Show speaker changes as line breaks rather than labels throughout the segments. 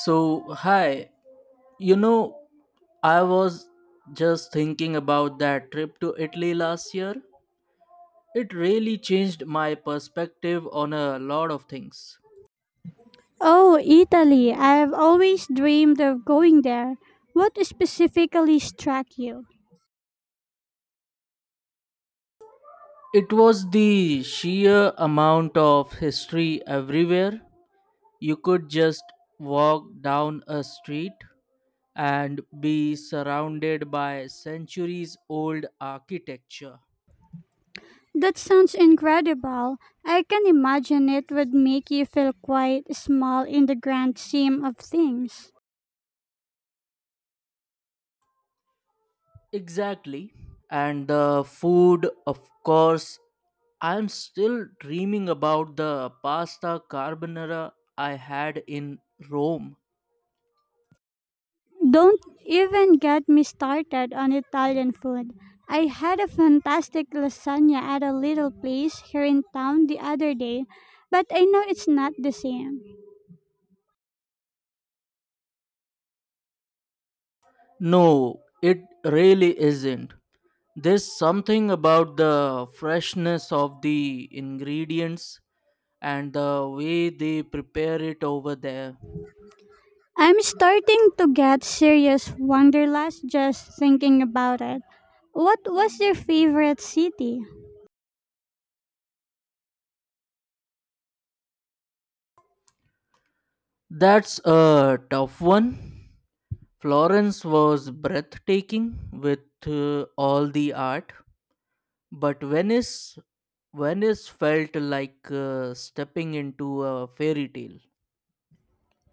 So, hi, you know, I was just thinking about that trip to Italy last year. It really changed my perspective on a lot of things.
Oh, Italy. I've always dreamed of going there. What specifically struck you?
It was the sheer amount of history everywhere. You could just walk down a street and be surrounded by centuries old architecture.
That sounds incredible. I can imagine it would make you feel quite small in the grand scheme of things.
Exactly. And the food, of course, I'm still dreaming about the pasta carbonara I had in Rome.
Don't even get me started on Italian food. I had a fantastic lasagna at a little place here in town the other day, but I know it's not the same.
No, it really isn't. There's something about the freshness of the ingredients and the way they prepare it over there.
I'm starting to get serious wanderlust just thinking about it. What was your favorite city?
That's a tough one. Florence was breathtaking with all the art. But Venice, Venice felt like stepping into a fairy tale.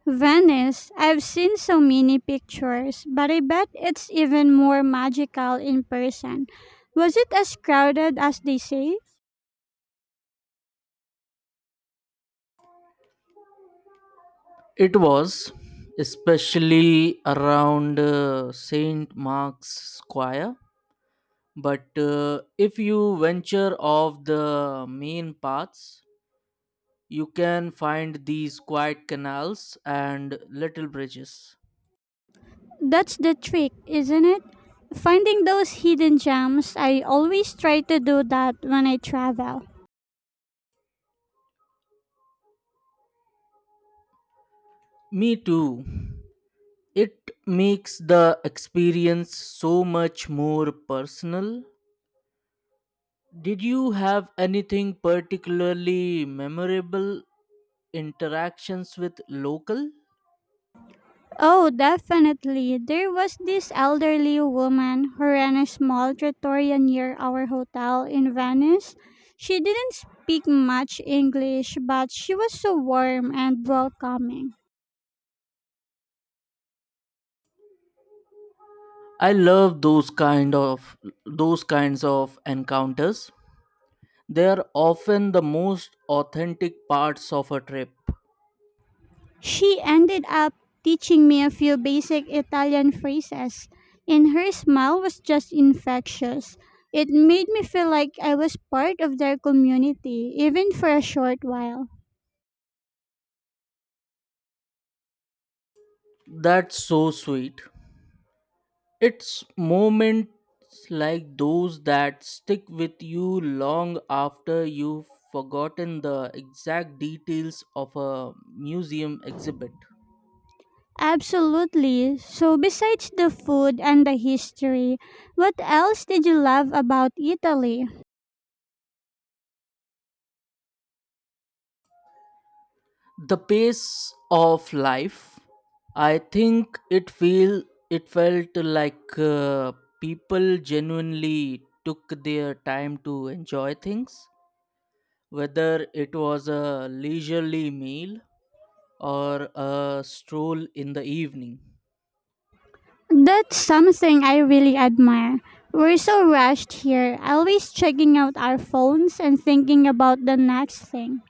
Venice. I've seen so many pictures, but I bet it's even more magical in person. Was it as crowded as they say?
It was, especially around St. Mark's Square. But if you venture off the main paths, you can find these quiet canals and little bridges.
That's the trick, isn't it? Finding those hidden gems. I always try to do that when I travel.
Me too. It makes the experience so much more personal. Did you have anything particularly memorable interactions with local?
Oh, definitely. There was this elderly woman who ran a small trattoria near our hotel in Venice. She didn't speak much English, but she was so warm and welcoming.
I love those kinds of encounters. They are often the most authentic parts of a trip.
She ended up teaching me a few basic Italian phrases, and her smile was just infectious. It made me feel like I was part of their community, even for a short while.
That's so sweet. It's moments like those that stick with you long after you've forgotten the exact details of a museum exhibit.
Absolutely. So, besides the food and the history, what else did you love about Italy?
The pace of life, I think it felt like people genuinely took their time to enjoy things, whether it was a leisurely meal or a stroll in the evening.
That's something I really admire. We're so rushed here, always checking out our phones and thinking about the next thing.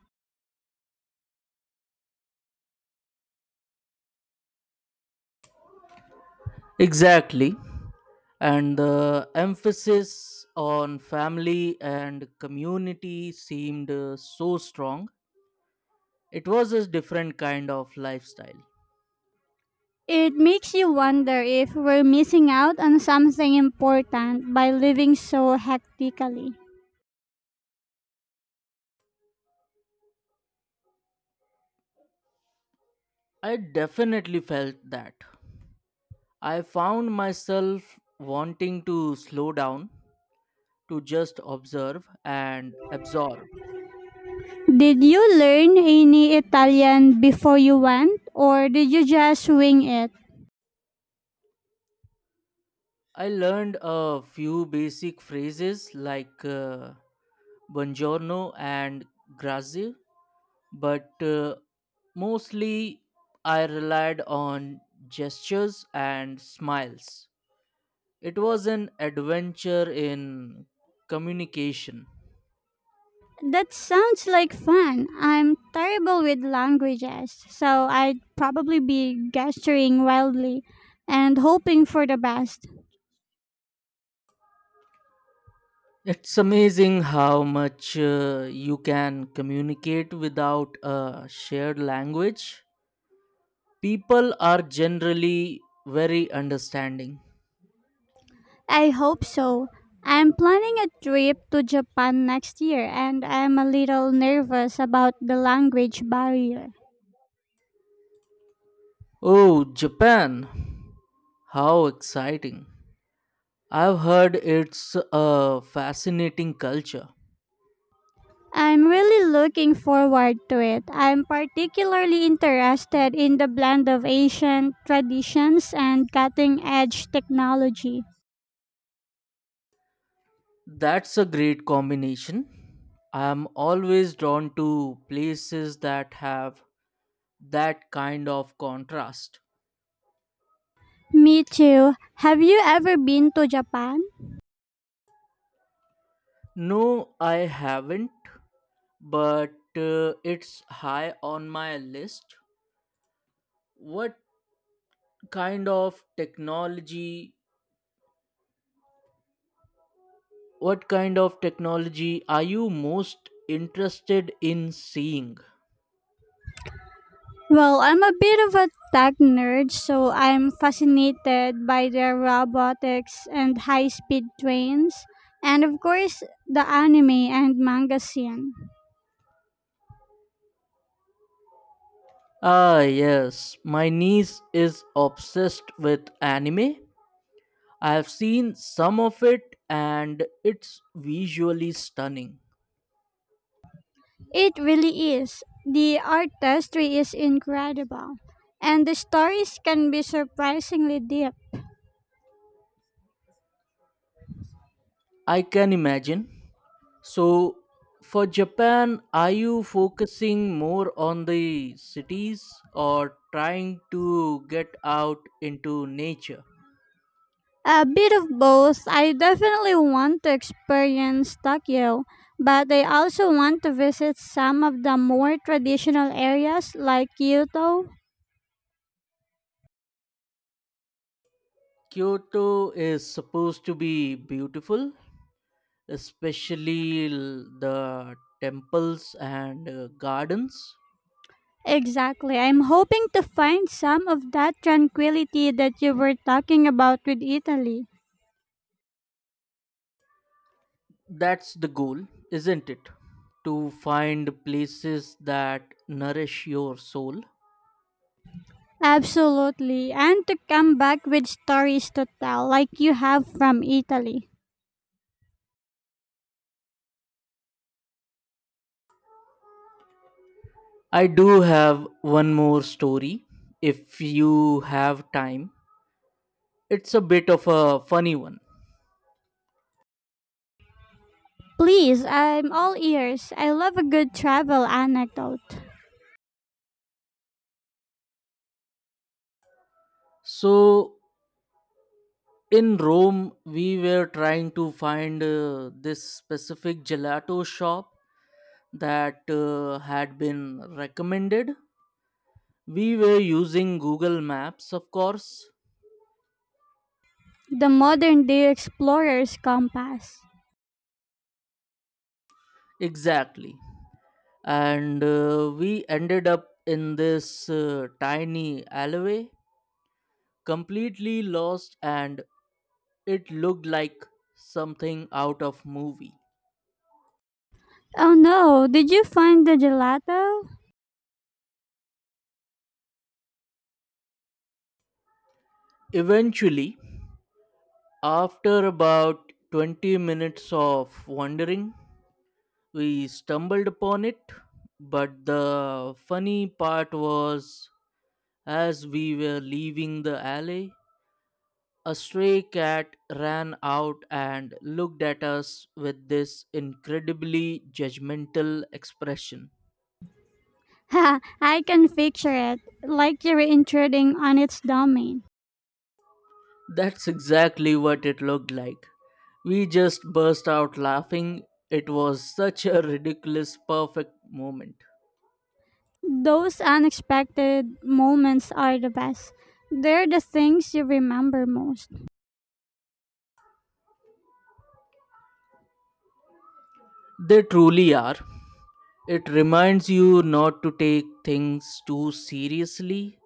Exactly. And the emphasis on family and community seemed so strong. It was a different kind of lifestyle.
It makes you wonder if we're missing out on something important by living so hectically.
I definitely felt that. I found myself wanting to slow down, to just observe and absorb.
Did you learn any Italian before you went, or did you just wing it?
I learned a few basic phrases like buongiorno and grazie, but mostly I relied on gestures and smiles. It was an adventure in communication.
That sounds like fun. I'm terrible with languages, so I'd probably be gesturing wildly and hoping for the best.
It's amazing how much you can communicate without a shared language. People are generally very understanding.
I hope so. I'm planning a trip to Japan next year, and I'm a little nervous about the language barrier.
Oh, Japan! How exciting! I've heard it's a fascinating culture.
I'm really looking forward to it. I'm particularly interested in the blend of Asian traditions and cutting edge technology.
That's a great combination. I'm always drawn to places that have that kind of contrast.
Me too. Have you ever been to Japan?
No, I haven't, but it's high on my list. what kind of technology what kind of technology are you most interested in seeing?
Well, I'm a bit of a tech nerd, so I'm fascinated by their robotics and high speed trains, and of course, the anime and manga scene.
Ah yes, my niece is obsessed with anime. I have seen some of it, and it's visually stunning.
It really is. The artistry is incredible, and the stories can be surprisingly deep.
I can imagine. So, for Japan, are you focusing more on the cities or trying to get out into nature?
A bit of both. I definitely want to experience Tokyo, but I also want to visit some of the more traditional areas like Kyoto.
Kyoto is supposed to be beautiful, especially the temples and gardens.
Exactly. I'm hoping to find some of that tranquility that you were talking about with Italy.
That's the goal, isn't it? To find places that nourish your soul.
Absolutely. And to come back with stories to tell like you have from Italy.
I do have one more story if you have time. It's a bit of a funny one.
Please, I'm all ears. I love a good travel anecdote
So in Rome, we were trying to find this specific gelato shop that had been recommended. We were using Google Maps, of course.
the modern day explorer's compass.
Exactly. And we ended up in this tiny alleyway, completely lost, and it looked like something out of movie.
Oh no, did you find the gelato?
Eventually, after about 20 minutes of wandering, we stumbled upon it, but the funny part was, as we were leaving the alley, a stray cat ran out and looked at us with this incredibly judgmental expression.
Ha, I can picture it, like you're intruding on its domain.
That's exactly what it looked like. We just burst out laughing. It was such a ridiculous, perfect moment.
Those unexpected moments are the best. They're the things you remember most.
They truly are. It reminds you not to take things too seriously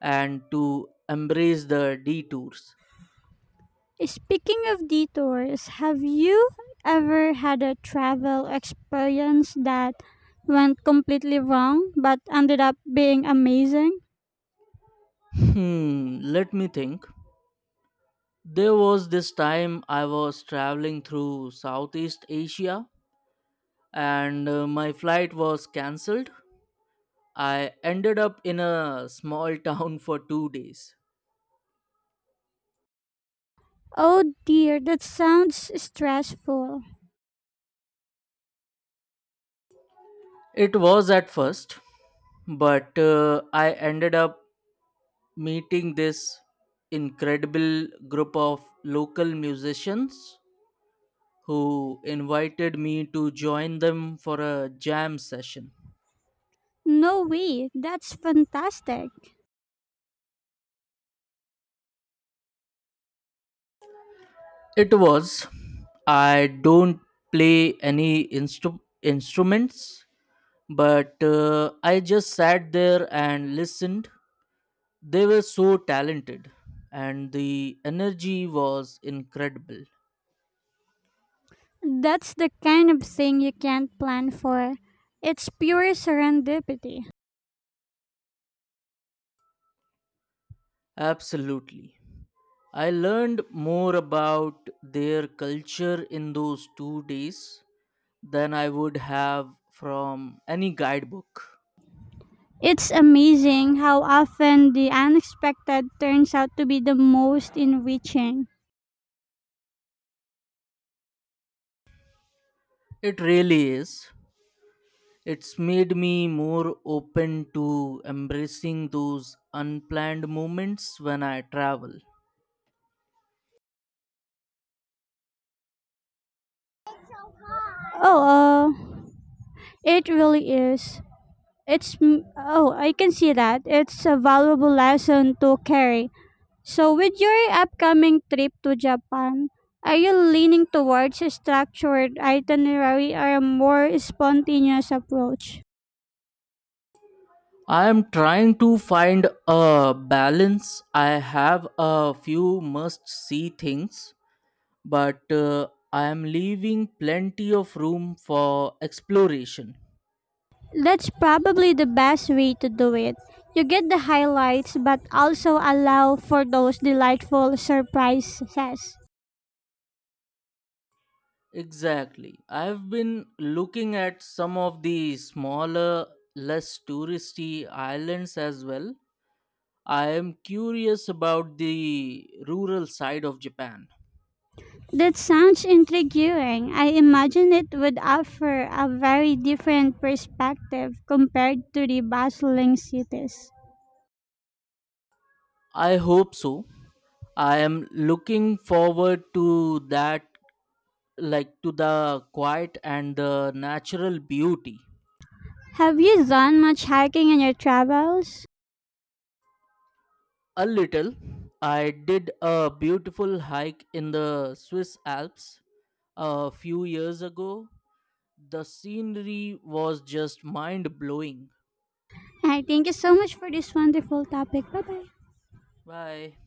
and to embrace the detours.
Speaking of detours, have you ever had a travel experience that went completely wrong but ended up being amazing?
Hmm, let me think. There was this time I was traveling through Southeast Asia, and my flight was cancelled. I ended up in a small town for 2 days.
Oh dear, that sounds stressful.
It was at first, but I ended up meeting this incredible group of local musicians who invited me to join them for a jam session.
No way, that's fantastic.
It was. I don't play any instruments, but I just sat there and listened. They were so talented, and the energy was incredible.
That's the kind of thing you can't plan for. It's pure serendipity.
Absolutely. I learned more about their culture in those 2 days than I would have from any guidebook.
It's amazing how often the unexpected turns out to be the most enriching.
It really is. It's made me more open to embracing those unplanned moments when I travel.
Oh, it really is. Oh, I can see that. It's a valuable lesson to carry. So, with your upcoming trip to Japan, are you leaning towards a structured itinerary or a more spontaneous approach?
I am trying to find a balance. I have a few must see things, but I am leaving plenty of room for exploration.
That's probably the best way to do it. You get the highlights but also allow for those delightful surprises.
Exactly. I've been looking at some of the smaller, less touristy islands as well. I am curious about the rural side of Japan.
That sounds intriguing. I imagine it would offer a very different perspective compared to the bustling cities.
I hope so. I am looking forward to that, like to the quiet and the natural beauty.
Have you done much hiking in your travels?
A little. I did a beautiful hike in the Swiss Alps a few years ago. The scenery was just mind blowing.
I thank you so much for this wonderful topic. Bye bye.
Why?